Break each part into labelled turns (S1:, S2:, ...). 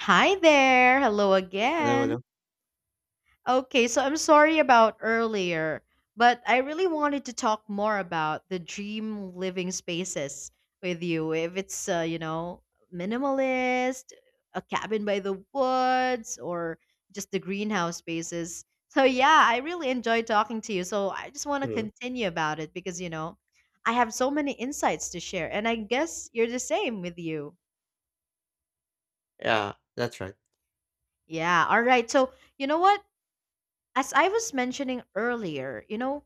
S1: Hi there. Hello
S2: No,
S1: again.
S2: no.
S1: Okay, so I'm sorry about earlier, but I really wanted to talk more about the dream living spaces with you. If it's, minimalist, a cabin by the woods, or just the greenhouse spaces. So, yeah, I really enjoyed talking to you. So, I just want to
S2: Mhm.
S1: continue about it because, I have so many insights to share, and I guess you're the same with you.
S2: Yeah, that's right.
S1: Yeah, all right. So, you know what? As I was mentioning earlier,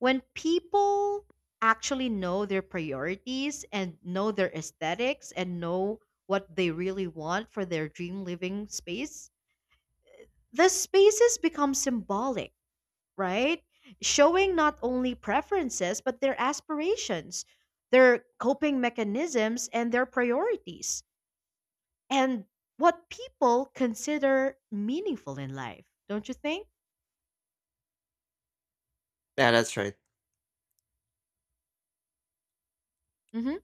S1: when people actually know their priorities and know their aesthetics and know what they really want for their dream living space, the spaces become symbolic, right? Showing not only preferences, but their aspirations, their coping mechanisms, and their priorities, and what people consider meaningful in life, don't you think?
S2: Yeah, that's right.
S1: Hmm.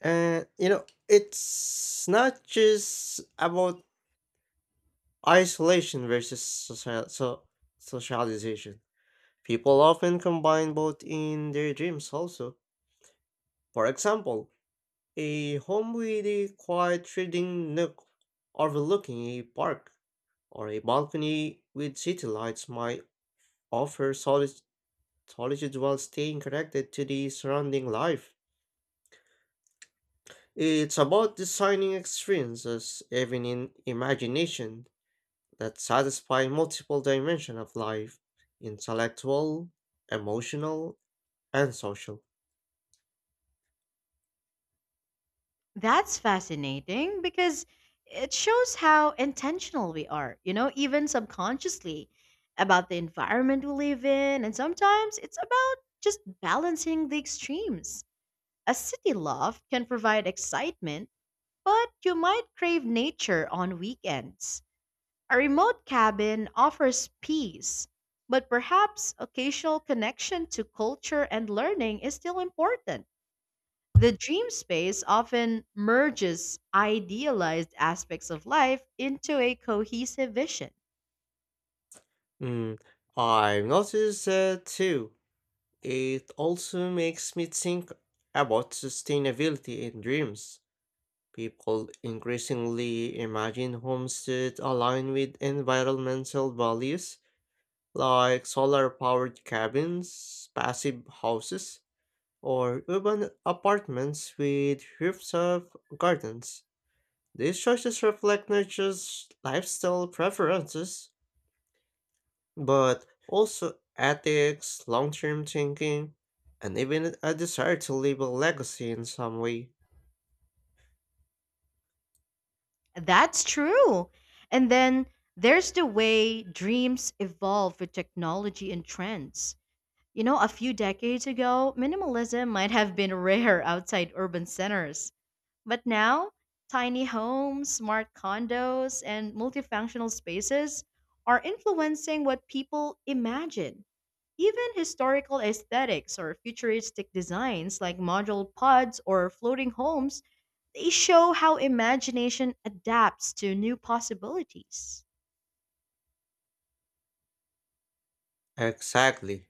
S2: And you know, it's not just about isolation versus socialization. People often combine both in their dreams also. For example, a home with a quiet reading nook overlooking a park or a balcony with city lights might offer solid solitude while staying connected to the surrounding life. It's about designing experiences, even in imagination, that satisfy multiple dimensions of life: intellectual, emotional, and social.
S1: That's fascinating because it shows how intentional we are, you know, even subconsciously about the environment we live in. And sometimes it's about just balancing the extremes. A city loft can provide excitement, but you might crave nature on weekends. A remote cabin offers peace, but perhaps occasional connection to culture and learning is still important. The dream space often merges idealized aspects of life into a cohesive vision.
S2: Mm, I've noticed that too. It also makes me think about sustainability in dreams. People increasingly imagine homes that align with environmental values, like solar powered cabins, passive houses, or urban apartments with rooftop gardens. These choices reflect not just lifestyle preferences, but also ethics, long term thinking, and even a desire to leave a legacy in some way.
S1: That's true. And then there's the way dreams evolve with technology and trends. You know, a few decades ago, minimalism might have been rare outside urban centers. But now, tiny homes, smart condos, and multifunctional spaces are influencing what people imagine. Even historical aesthetics or futuristic designs like modular pods or floating homes, they show how imagination adapts to new possibilities.
S2: Exactly.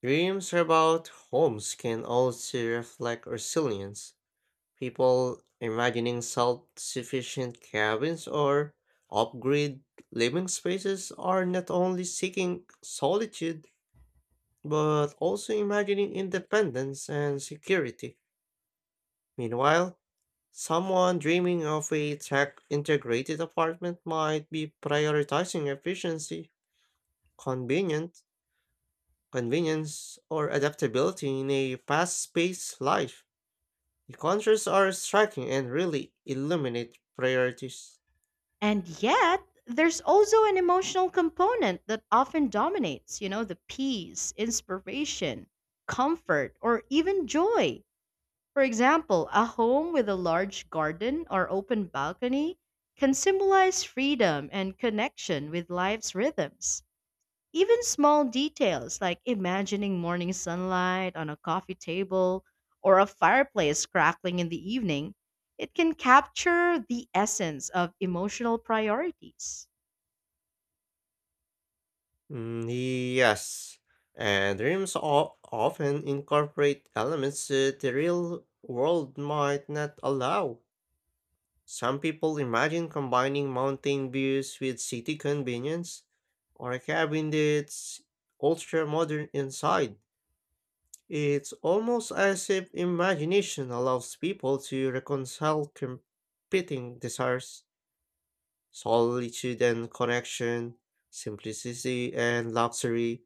S2: Dreams about homes can also reflect resilience. People imagining self-sufficient cabins or off-grid living spaces are not only seeking solitude, but also imagining independence and security. Meanwhile, someone dreaming of a tech-integrated apartment might be prioritizing efficiency, convenience, convenience, or adaptability in a fast-paced life. The contrasts are striking and really illuminate priorities.
S1: And yet, there's also an emotional component that often dominates, you know, the peace, inspiration, comfort, or even joy. For example, a home with a large garden or open balcony can symbolize freedom and connection with life's rhythms. Even small details like imagining morning sunlight on a coffee table or a fireplace crackling in the evening, it can capture the essence of emotional priorities.
S2: Mm, Yes, and dreams often incorporate elements that the real world might not allow. Some people imagine combining mountain views with city convenience, or a cabin that's ultra modern inside. It's almost as if imagination allows people to reconcile competing desires: solitude and connection, simplicity and luxury,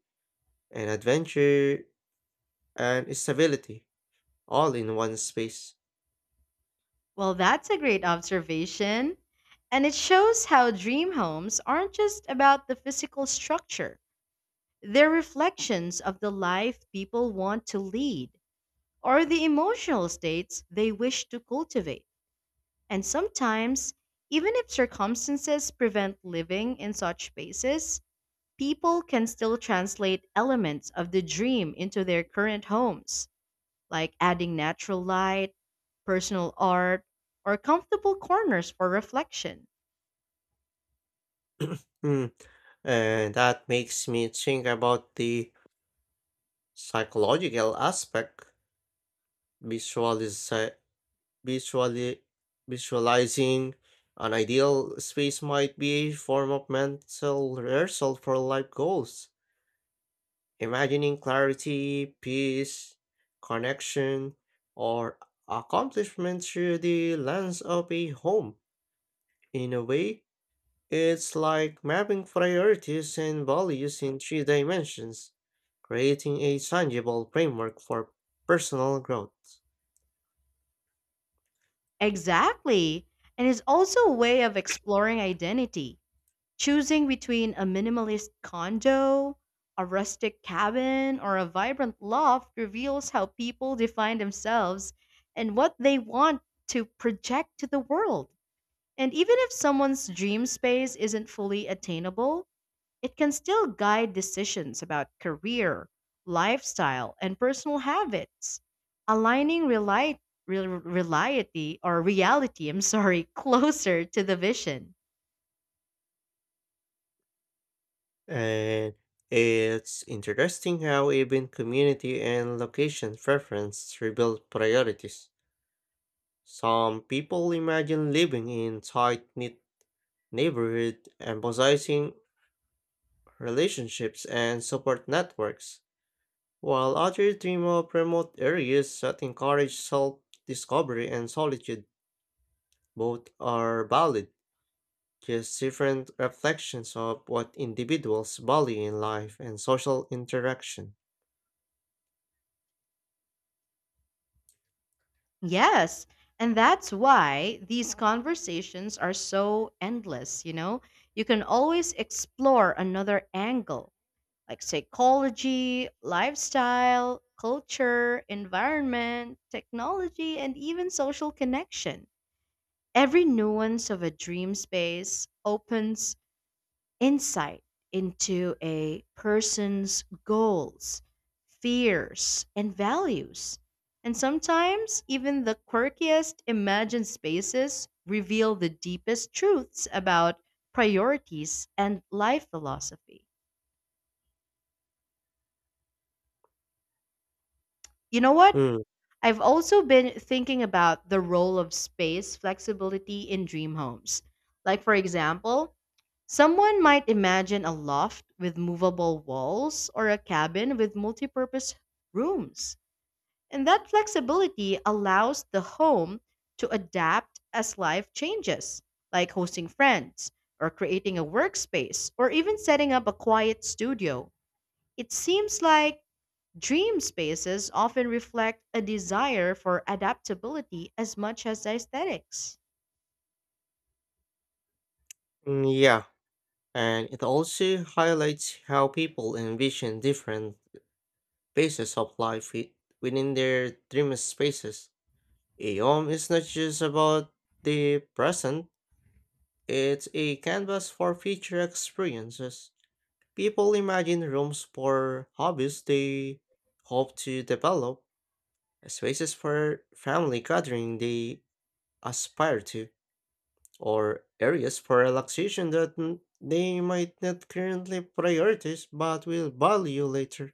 S2: and adventure and stability, all in one space.
S1: Well, that's a great observation. And it shows how dream homes aren't just about the physical structure. They're reflections of the life people want to lead or the emotional states they wish to cultivate. And sometimes, even if circumstances prevent living in such spaces, people can still translate elements of the dream into their current homes, like adding natural light, personal art, or comfortable corners for reflection.
S2: Hmm. And that makes me think about the psychological aspect, visualize, visually, visualizing an ideal space might be a form of mental rehearsal for life goals. Imagining clarity, peace, connection, or accomplishment through the lens of a home. In a way, it's like mapping priorities and values in three dimensions, creating a tangible framework for personal growth.
S1: Exactly. And it's also a way of exploring identity. Choosing between a minimalist condo, a rustic cabin, or a vibrant loft reveals how people define themselves and what they want to project to the world. And even if someone's dream space isn't fully attainable, it can still guide decisions about career, lifestyle, and personal habits. Aligning reliety or reality, I'm sorry, closer to the vision.
S2: And it's interesting how even community and location preference rebuild priorities. Some people imagine living in tight-knit neighborhood, emphasizing relationships and support networks, while others dream of remote areas that encourage self-discovery and solitude. Both are valid, just different reflections of what individuals value in life and social interaction.
S1: Yes. And that's why these conversations are so endless, you know? You can always explore another angle, like psychology, lifestyle, culture, environment, technology, and even social connection. Every nuance of a dream space opens insight into a person's goals, fears, and values. And sometimes, even the quirkiest imagined spaces reveal the deepest truths about priorities and life philosophy. You know what?
S2: Mm,
S1: I've also been thinking about the role of space flexibility in dream homes. Like, for example, someone might imagine a loft with movable walls or a cabin with multipurpose rooms. And that flexibility allows the home to adapt as life changes, like hosting friends or creating a workspace or even setting up a quiet studio. It seems like dream spaces often reflect a desire for adaptability as much as aesthetics.
S2: yeah, and it also highlights how people envision different phases of life within their dream spaces. A home is not just about the present, it's a canvas for future experiences. People imagine rooms for hobbies they hope to develop, spaces for family gathering they aspire to, or areas for relaxation that they might not currently prioritize but will value later.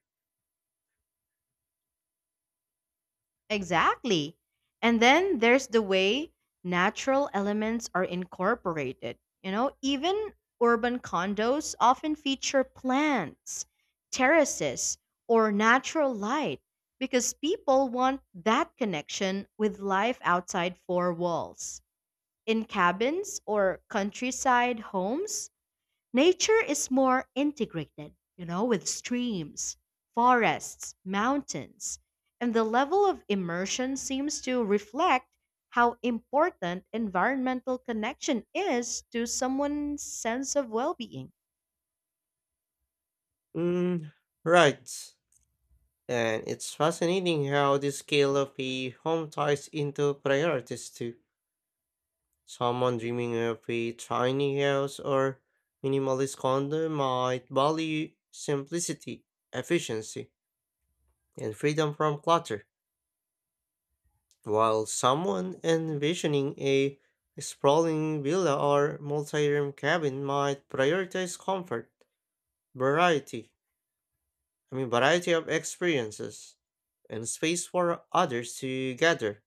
S1: Exactly. And then there's the way natural elements are incorporated. You know, even urban condos often feature plants, terraces, or natural light because people want that connection with life outside four walls. In cabins or countryside homes, nature is more integrated, you know, with streams, forests, mountains, and the level of immersion seems to reflect how important environmental connection is to someone's sense of well being.
S2: Mm, right. And it's fascinating how the scale of a home ties into priorities too. Someone dreaming of a tiny house or minimalist condo might value simplicity, efficiency, and freedom from clutter. While someone envisioning a sprawling villa or multi-room cabin might prioritize comfort, variety, I mean variety of experiences, and space for others to gather,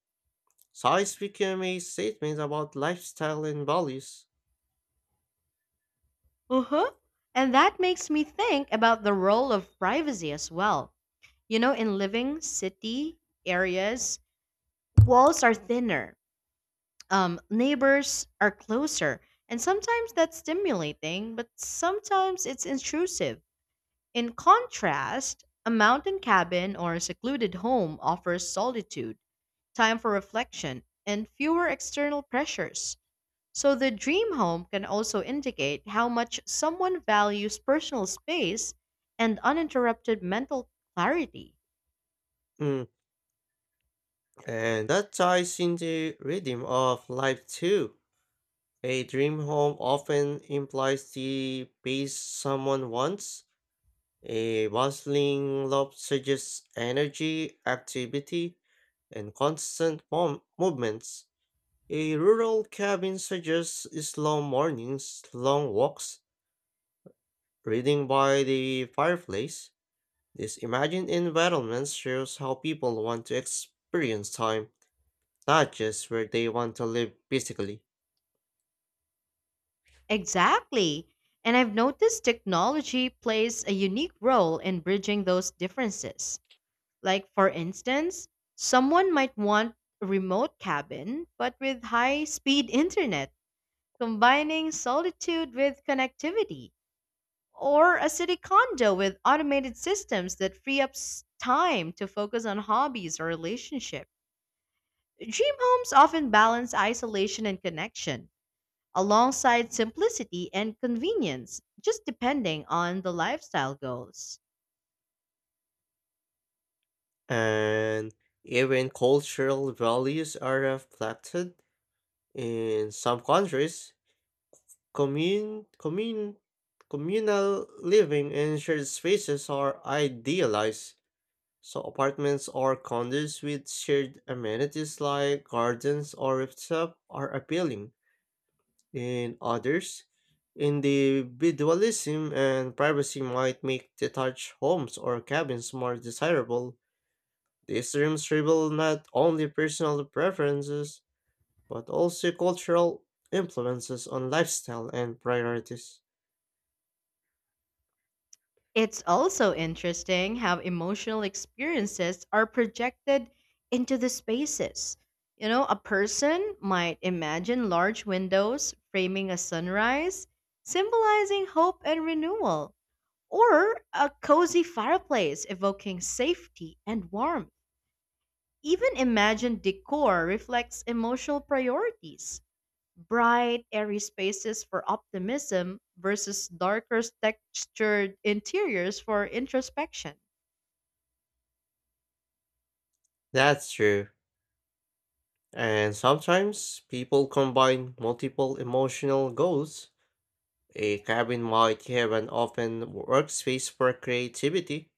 S2: size became a statement about lifestyle and values.
S1: Uh-huh. And that makes me think about the role of privacy as well. You know, in living city areas, walls are thinner, neighbors are closer, and sometimes that's stimulating, but sometimes it's intrusive. In contrast, a mountain cabin or a secluded home offers solitude, time for reflection, and fewer external pressures. So the dream home can also indicate how much someone values personal space and uninterrupted mental clarity.
S2: Mm, And that ties into rhythm of life too. A dream home often implies the pace someone wants. A bustling love suggests energy, activity, and constant movements. A rural cabin suggests slow mornings, long walks, reading by the fireplace. This imagined environment shows how people want to experience time, not just where they want to live physically.
S1: Exactly. And I've noticed technology plays a unique role in bridging those differences. Like, for instance, someone might want a remote cabin, but with high speed internet, combining solitude with connectivity, or a city condo with automated systems that free up time to focus on hobbies or relationship. Dream homes often balance isolation and connection alongside simplicity and convenience, just depending on the lifestyle goals.
S2: And even cultural values are reflected in some countries. Commune, commune, communal living and shared spaces are idealized. So apartments or condos with shared amenities like gardens or rooftop are appealing. In others, individualism and privacy might make detached homes or cabins more desirable. These dreams reveal not only personal preferences, but also cultural influences on lifestyle and priorities.
S1: It's also interesting how emotional experiences are projected into the spaces. You know, a person might imagine large windows framing a sunrise, symbolizing hope and renewal, or a cozy fireplace evoking safety and warmth. Even imagined decor reflects emotional priorities: bright, airy spaces for optimism versus darker textured interiors for introspection.
S2: That's true. And sometimes people combine multiple emotional goals. A cabin might have an open workspace for creativity,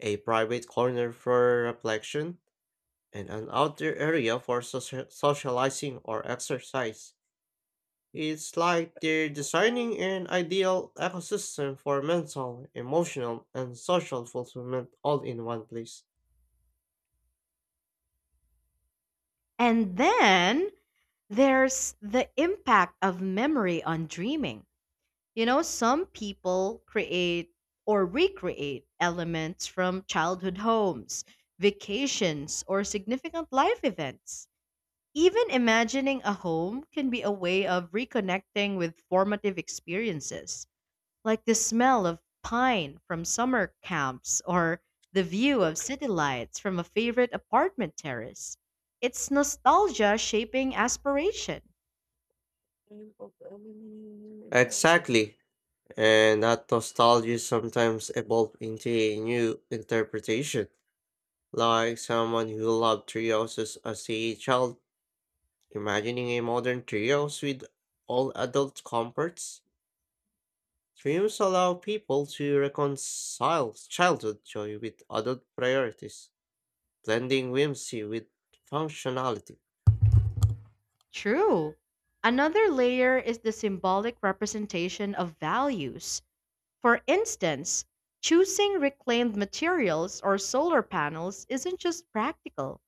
S2: a private corner for reflection, and an outdoor area for socializing or exercise. It's like they're designing an ideal ecosystem for mental, emotional, and social fulfillment all in one place.
S1: And then there's the impact of memory on dreaming. You know, some people create or recreate elements from childhood homes, vacations, or significant life events. Even imagining a home can be a way of reconnecting with formative experiences, like the smell of pine from summer camps or the view of city lights from a favorite apartment terrace. It's nostalgia shaping aspiration.
S2: Exactly. And that nostalgia sometimes evolves into a new interpretation, like someone who loved trios as a child, imagining a modern trios with all adult comforts. Dreams allow people to reconcile childhood joy with adult priorities, blending whimsy with functionality.
S1: True. Another layer is the symbolic representation of values. For instance, choosing reclaimed materials or solar panels isn't just practical,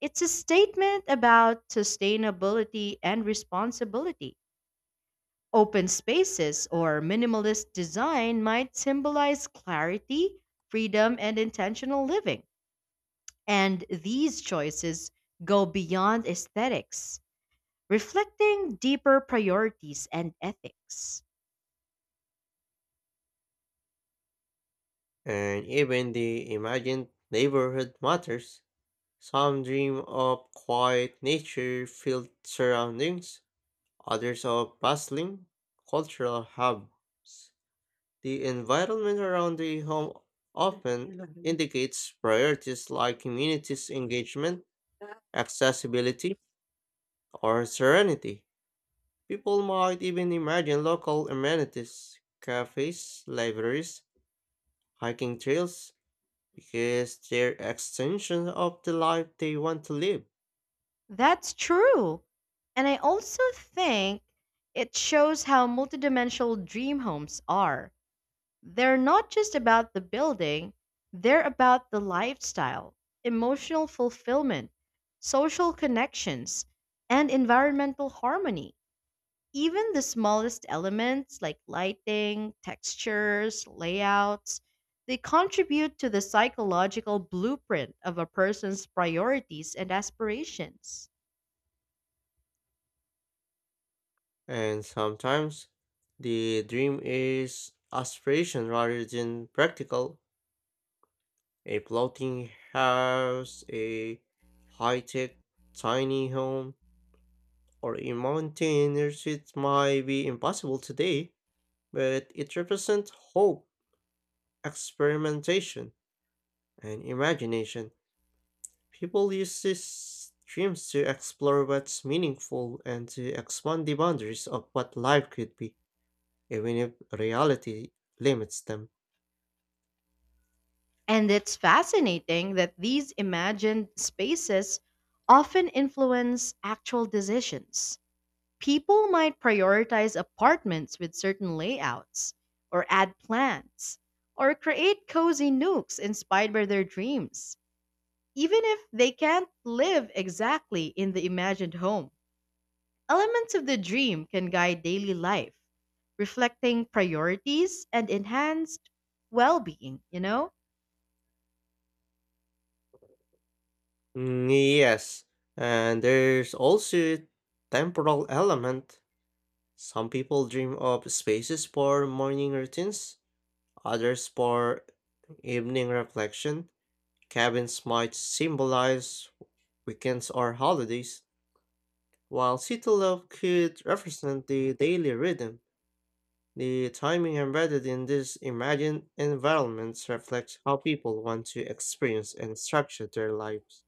S1: it's a statement about sustainability and responsibility. Open spaces or minimalist design might symbolize clarity, freedom, and intentional living. And these choices go beyond aesthetics, reflecting deeper priorities and ethics.
S2: And even the imagined neighborhood matters. Some dream of quiet nature filled surroundings, others are bustling cultural hubs. The environment around the home often indicates priorities like communities' engagement, accessibility, or serenity. People might even imagine local amenities, cafes, libraries, hiking trails, because they're extensions of the life they want to live.
S1: That's true. And I also think it shows how multidimensional dream homes are. They're not just about the building, they're about the lifestyle, emotional fulfillment, social connections, and environmental harmony. Even the smallest elements like lighting, textures, layouts, they contribute to the psychological blueprint of a person's priorities and aspirations.
S2: And sometimes the dream is aspiration rather than practical. A floating house, a high tech tiny home, or a mountain retreat might be impossible today, but it represents hope, experimentation, and imagination. People use these dreams to explore what's meaningful and to expand the boundaries of what life could be, even if reality limits them.
S1: And it's fascinating that these imagined spaces often influence actual decisions. People might prioritize apartments with certain layouts, or add plants, or create cozy nooks inspired by their dreams, even if they can't live exactly in the imagined home. Elements of the dream can guide daily life, reflecting priorities and enhanced well being, you know?
S2: Mm, yes, and there's also temporal element. Some people dream of spaces for morning routines, others for evening reflection. Cabins might symbolize weekends or holidays, while city love could represent the daily rhythm. The timing embedded in these imagined environments reflects how people want to experience and structure their lives.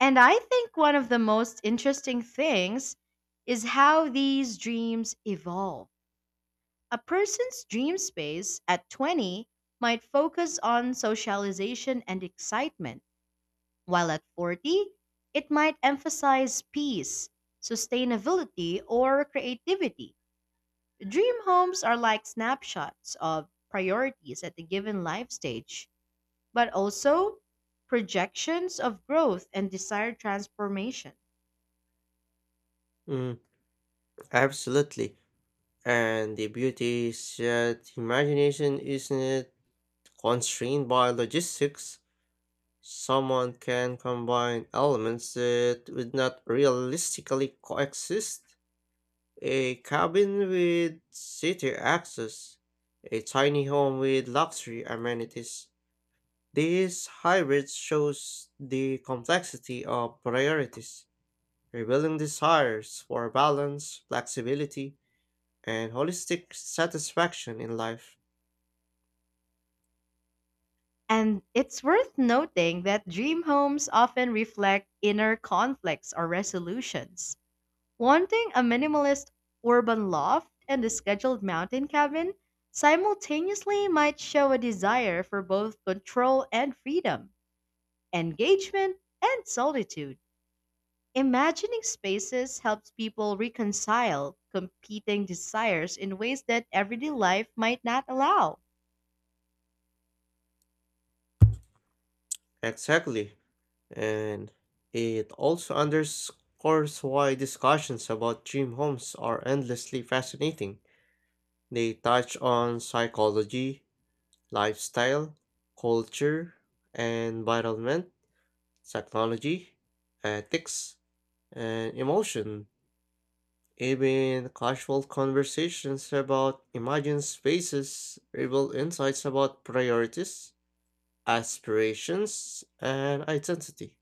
S1: And I think one of the most interesting things is how these dreams evolve. A person's dream space at 20 might focus on socialization and excitement, while at 40, it might emphasize peace, sustainability, or creativity. Dream homes are like snapshots of priorities at a given life stage, but also projections of growth and desired transformation.
S2: Mm, absolutely. And the beauty is that imagination isn't constrained by logistics. Someone can combine elements that would not realistically coexist. A cabin with city access, a tiny home with luxury amenities. This hybrid shows the complexity of priorities, revealing desires for balance, flexibility, and holistic satisfaction in life.
S1: And it's worth noting that dream homes often reflect inner conflicts or resolutions. Wanting a minimalist urban loft and a scheduled mountain cabin simultaneously might show a desire for both control and freedom, engagement and solitude. Imagining spaces helps people reconcile competing desires in ways that everyday life might not allow.
S2: Exactly. And it also underscores why discussions about dream homes are endlessly fascinating. They touch on psychology, lifestyle, culture, environment, technology, ethics, and emotion. Even casual conversations about imagined spaces reveal insights about priorities, aspirations, and identity.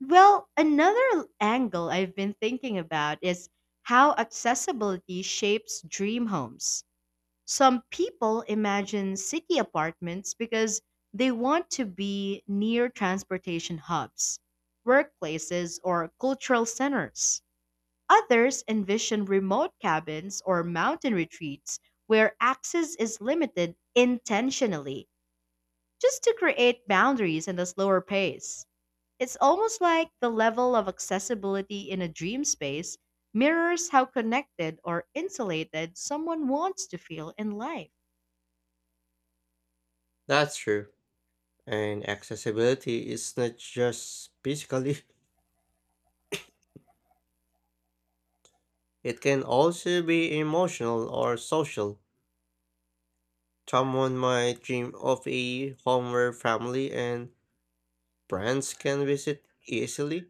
S1: Well, another angle I've been thinking about is how accessibility shapes dream homes. Some people imagine city apartments because they want to be near transportation hubs, workplaces, or cultural centers. Others envision remote cabins or mountain retreats where access is limited intentionally just to create boundaries and a slower pace. It's almost like the level of accessibility in a dream space mirrors how connected or insulated someone wants to feel in life.
S2: That's true. And accessibility is not just physically, it can also be emotional or social. Someone might dream of a home where family and friends can visit easily,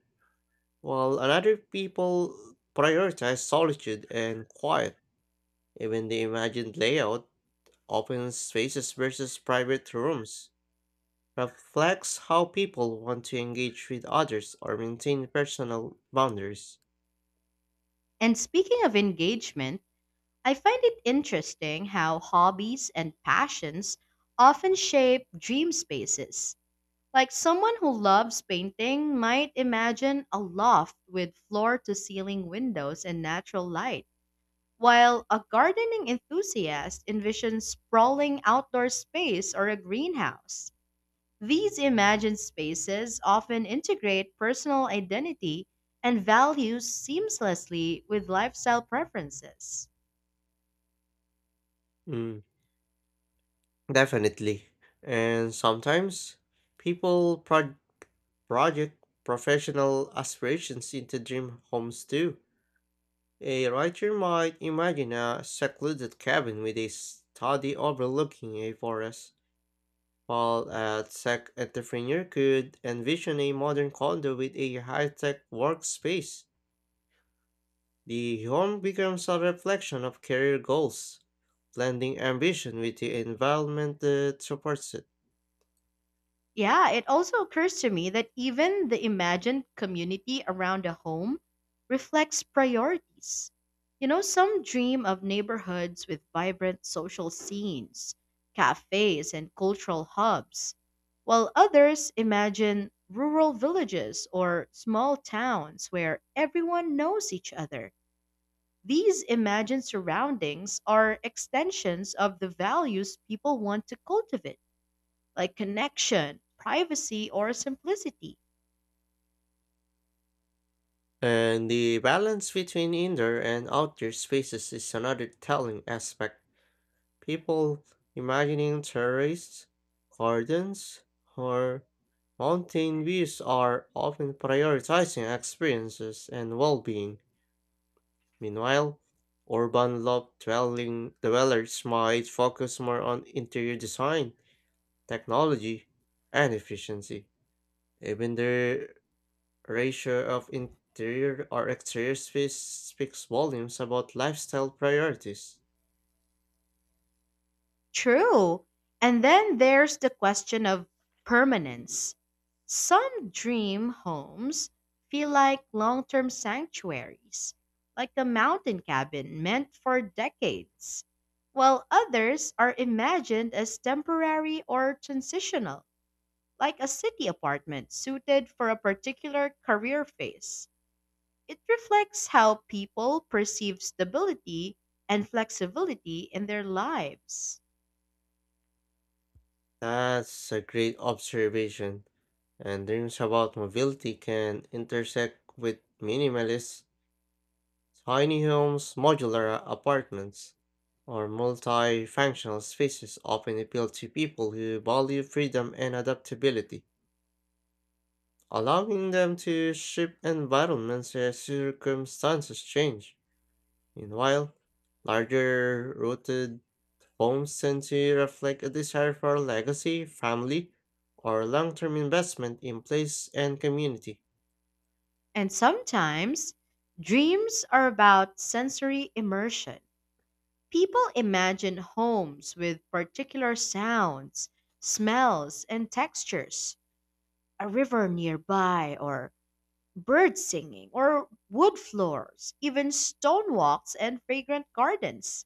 S2: while another people prioritize solitude and quiet. Even the imagined layout, open spaces versus private rooms, reflects how people want to engage with others or maintain personal boundaries.
S1: And speaking of engagement, I find it interesting how hobbies and passions often shape dream spaces. Like someone who loves painting might imagine a loft with floor to ceiling windows and natural light, while a gardening enthusiast envisions sprawling outdoor space or a greenhouse. These imagined spaces often integrate personal identity and values seamlessly with lifestyle preferences.
S2: Mm. Definitely. And sometimes people project professional aspirations into dream homes too. A writer might imagine a secluded cabin with a study overlooking a forest, while a tech entrepreneur could envision a modern condo with a high tech workspace. The home becomes a reflection of career goals, blending ambition with the environment that supports it.
S1: Yeah, it also occurs to me that even the imagined community around a home reflects priorities. You know, some dream of neighborhoods with vibrant social scenes, cafes, and cultural hubs, while others imagine rural villages or small towns where everyone knows each other. These imagined surroundings are extensions of the values people want to cultivate, like connection, privacy, or simplicity.
S2: And the balance between indoor and outdoor spaces is another telling aspect. People imagining terraces, gardens, or mountain views are often prioritizing experiences and well-being. Meanwhile, urban love dwelling dwellers might focus more on interior design, technology, and efficiency. Even their ratio of interior or exterior space speaks volumes about lifestyle priorities.
S1: True. And then there's the question of permanence. Some dream homes feel like long term sanctuaries, like the mountain cabin meant for decades, while others are imagined as temporary or transitional, like a city apartment suited for a particular career phase. It reflects how people perceive stability and flexibility in their lives.
S2: That's a great observation. And dreams about mobility can intersect with minimalist, tiny homes, modular apartments, or multifunctional spaces often appeal to people who value freedom and adaptability, allowing them to shift environments as circumstances change. Meanwhile, larger rooted homes tend to reflect a desire for legacy, family, or long term investment in place and community.
S1: And sometimes, dreams are about sensory immersion. People imagine homes with particular sounds, smells, and textures, a river nearby, or birds singing, or wood floors, even stone walks and fragrant gardens.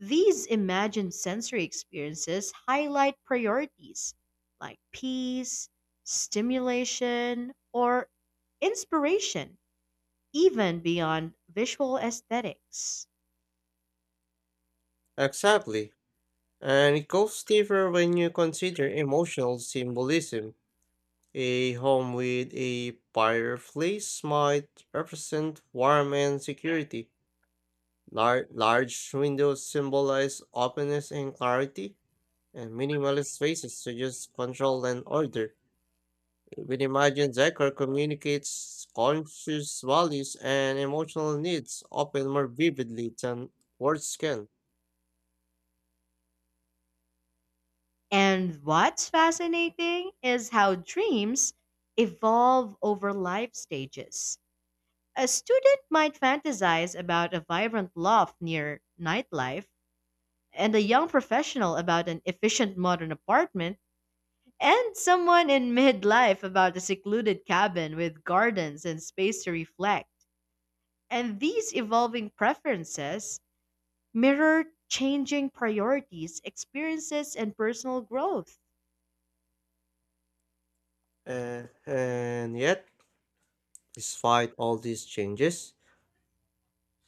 S1: These imagined sensory experiences highlight priorities like peace, stimulation, or inspiration, even beyond visual aesthetics.
S2: Exactly. And it goes deeper when you consider emotional symbolism. A home with a fireplace might represent warmth and security. Large windows symbolize openness and clarity, and minimalist spaces suggest control and order. Even imagine Decker communicates conscious values and emotional needs often more vividly than words can.
S1: And what's fascinating is how dreams evolve over life stages. A student might fantasize about a vibrant loft near nightlife, and a young professional about an efficient modern apartment, and someone in midlife about a secluded cabin with gardens and space to reflect. And these evolving preferences mirror changing priorities, experiences, and personal growth.
S2: And yet, despite all these changes,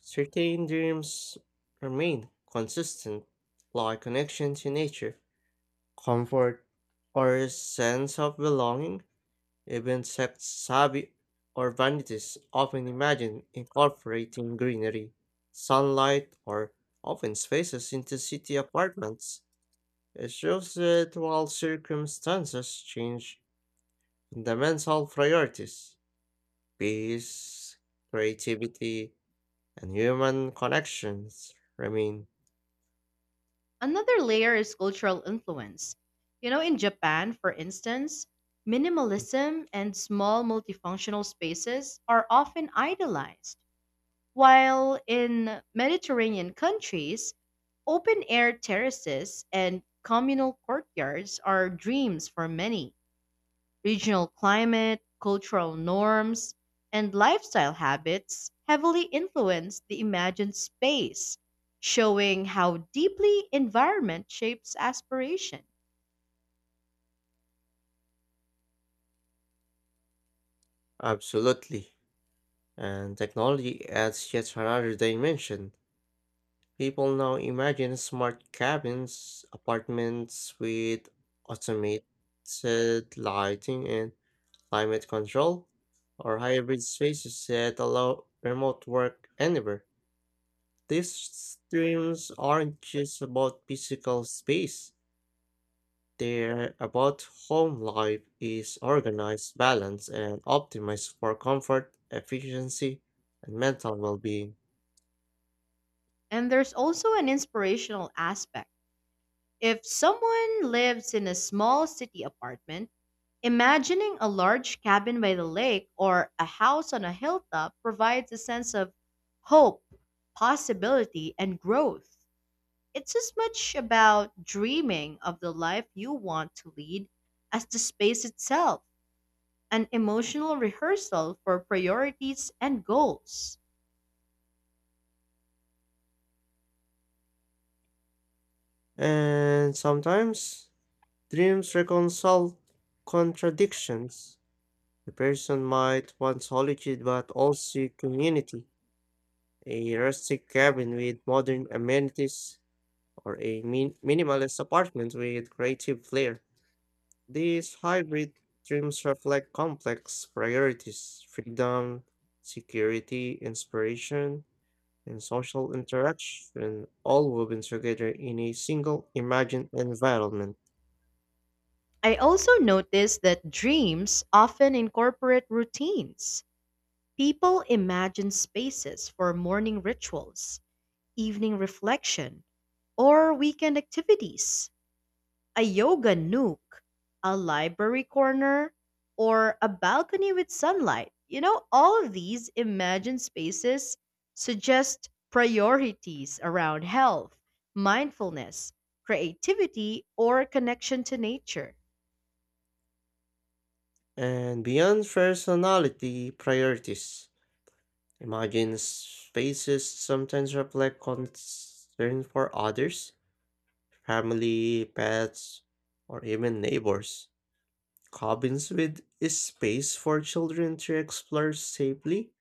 S2: certain dreams remain consistent, like connection to nature, comfort, or a sense of belonging. Even sects savvy urbanities often imagine incorporating greenery, sunlight, or open spaces into city apartments. It shows that while circumstances change, fundamental priorities, peace, creativity, and human connections remain.
S1: Another layer is cultural influence. You know, in Japan, for instance,
S2: Hmm.
S1: minimalism and small multifunctional spaces are often idolized. While in Mediterranean countries, open air terraces and communal courtyards are dreams for many. Regional climate, cultural norms, and lifestyle habits heavily influence the imagined space, showing how deeply environment shapes aspiration.
S2: Absolutely. And technology adds yet another dimension. People now imagine smart cabins, apartments with automated lighting and climate control, or hybrid spaces that allow remote work anywhere. These dreams aren't just about physical space, they're about home life is organized, balanced, and optimized for comfort, efficiency, and mental well being.
S1: And there's also an inspirational aspect. If someone lives in a small city apartment, imagining a large cabin by the lake or a house on a hilltop provides a sense of hope, possibility, and growth. It's as much about dreaming of the life you want to lead as the space itself, an emotional rehearsal for priorities and goals.
S2: And sometimes dreams reconcile contradictions. A person might want solitude but also community, a rustic cabin with modern amenities, or a minimalist apartment with creative flair. These hybrid dreams reflect complex priorities: freedom, security, inspiration, and social interaction, all woven together in a single imagined environment.
S1: I also noticed that dreams often incorporate routines. People imagine spaces for morning rituals, evening reflection, or weekend activities, a yoga nook, a library corner, or a balcony with sunlight. You know, all of these imagined spaces suggest priorities around health, mindfulness, creativity, or connection to nature.
S2: And beyond personality priorities, imagine spaces sometimes reflect concern for others: family, pets, or even neighbors. Cabins with space for children to explore safely,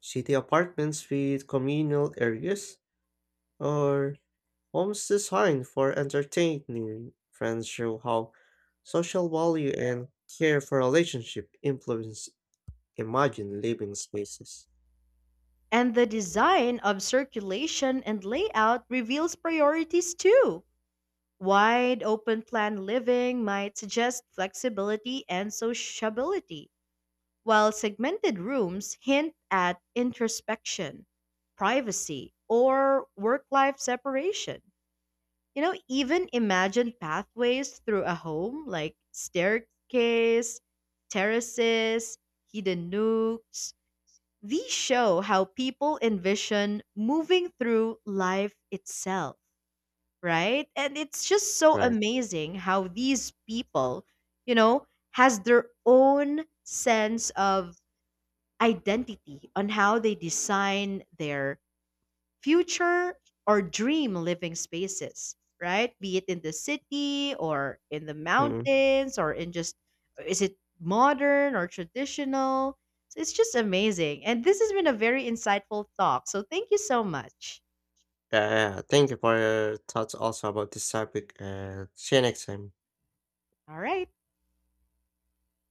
S2: city apartments with communal areas, or homes designed for entertaining friends show how social value and care for relationship influence imagine living spaces.
S1: And the design of circulation and layout reveals priorities too. Wide open plan living might suggest flexibility and sociability, while segmented rooms hint at introspection, privacy, or work life separation. You know, even imagined pathways through a home like staircase, terraces, hidden nooks. These show how people envision moving through life itself, right? And it's just so
S2: Right.
S1: amazing how these people, you know, has their own sense of identity on how they design their future or dream living spaces, right? Be it in the city or in the
S2: Mm-hmm.
S1: mountains or in just is it modern or traditional? So it's just amazing. And this has been a very insightful talk. So thank you so much.
S2: Yeah, yeah. Thank you for your thoughts also about this topic and see you next time.
S1: All right.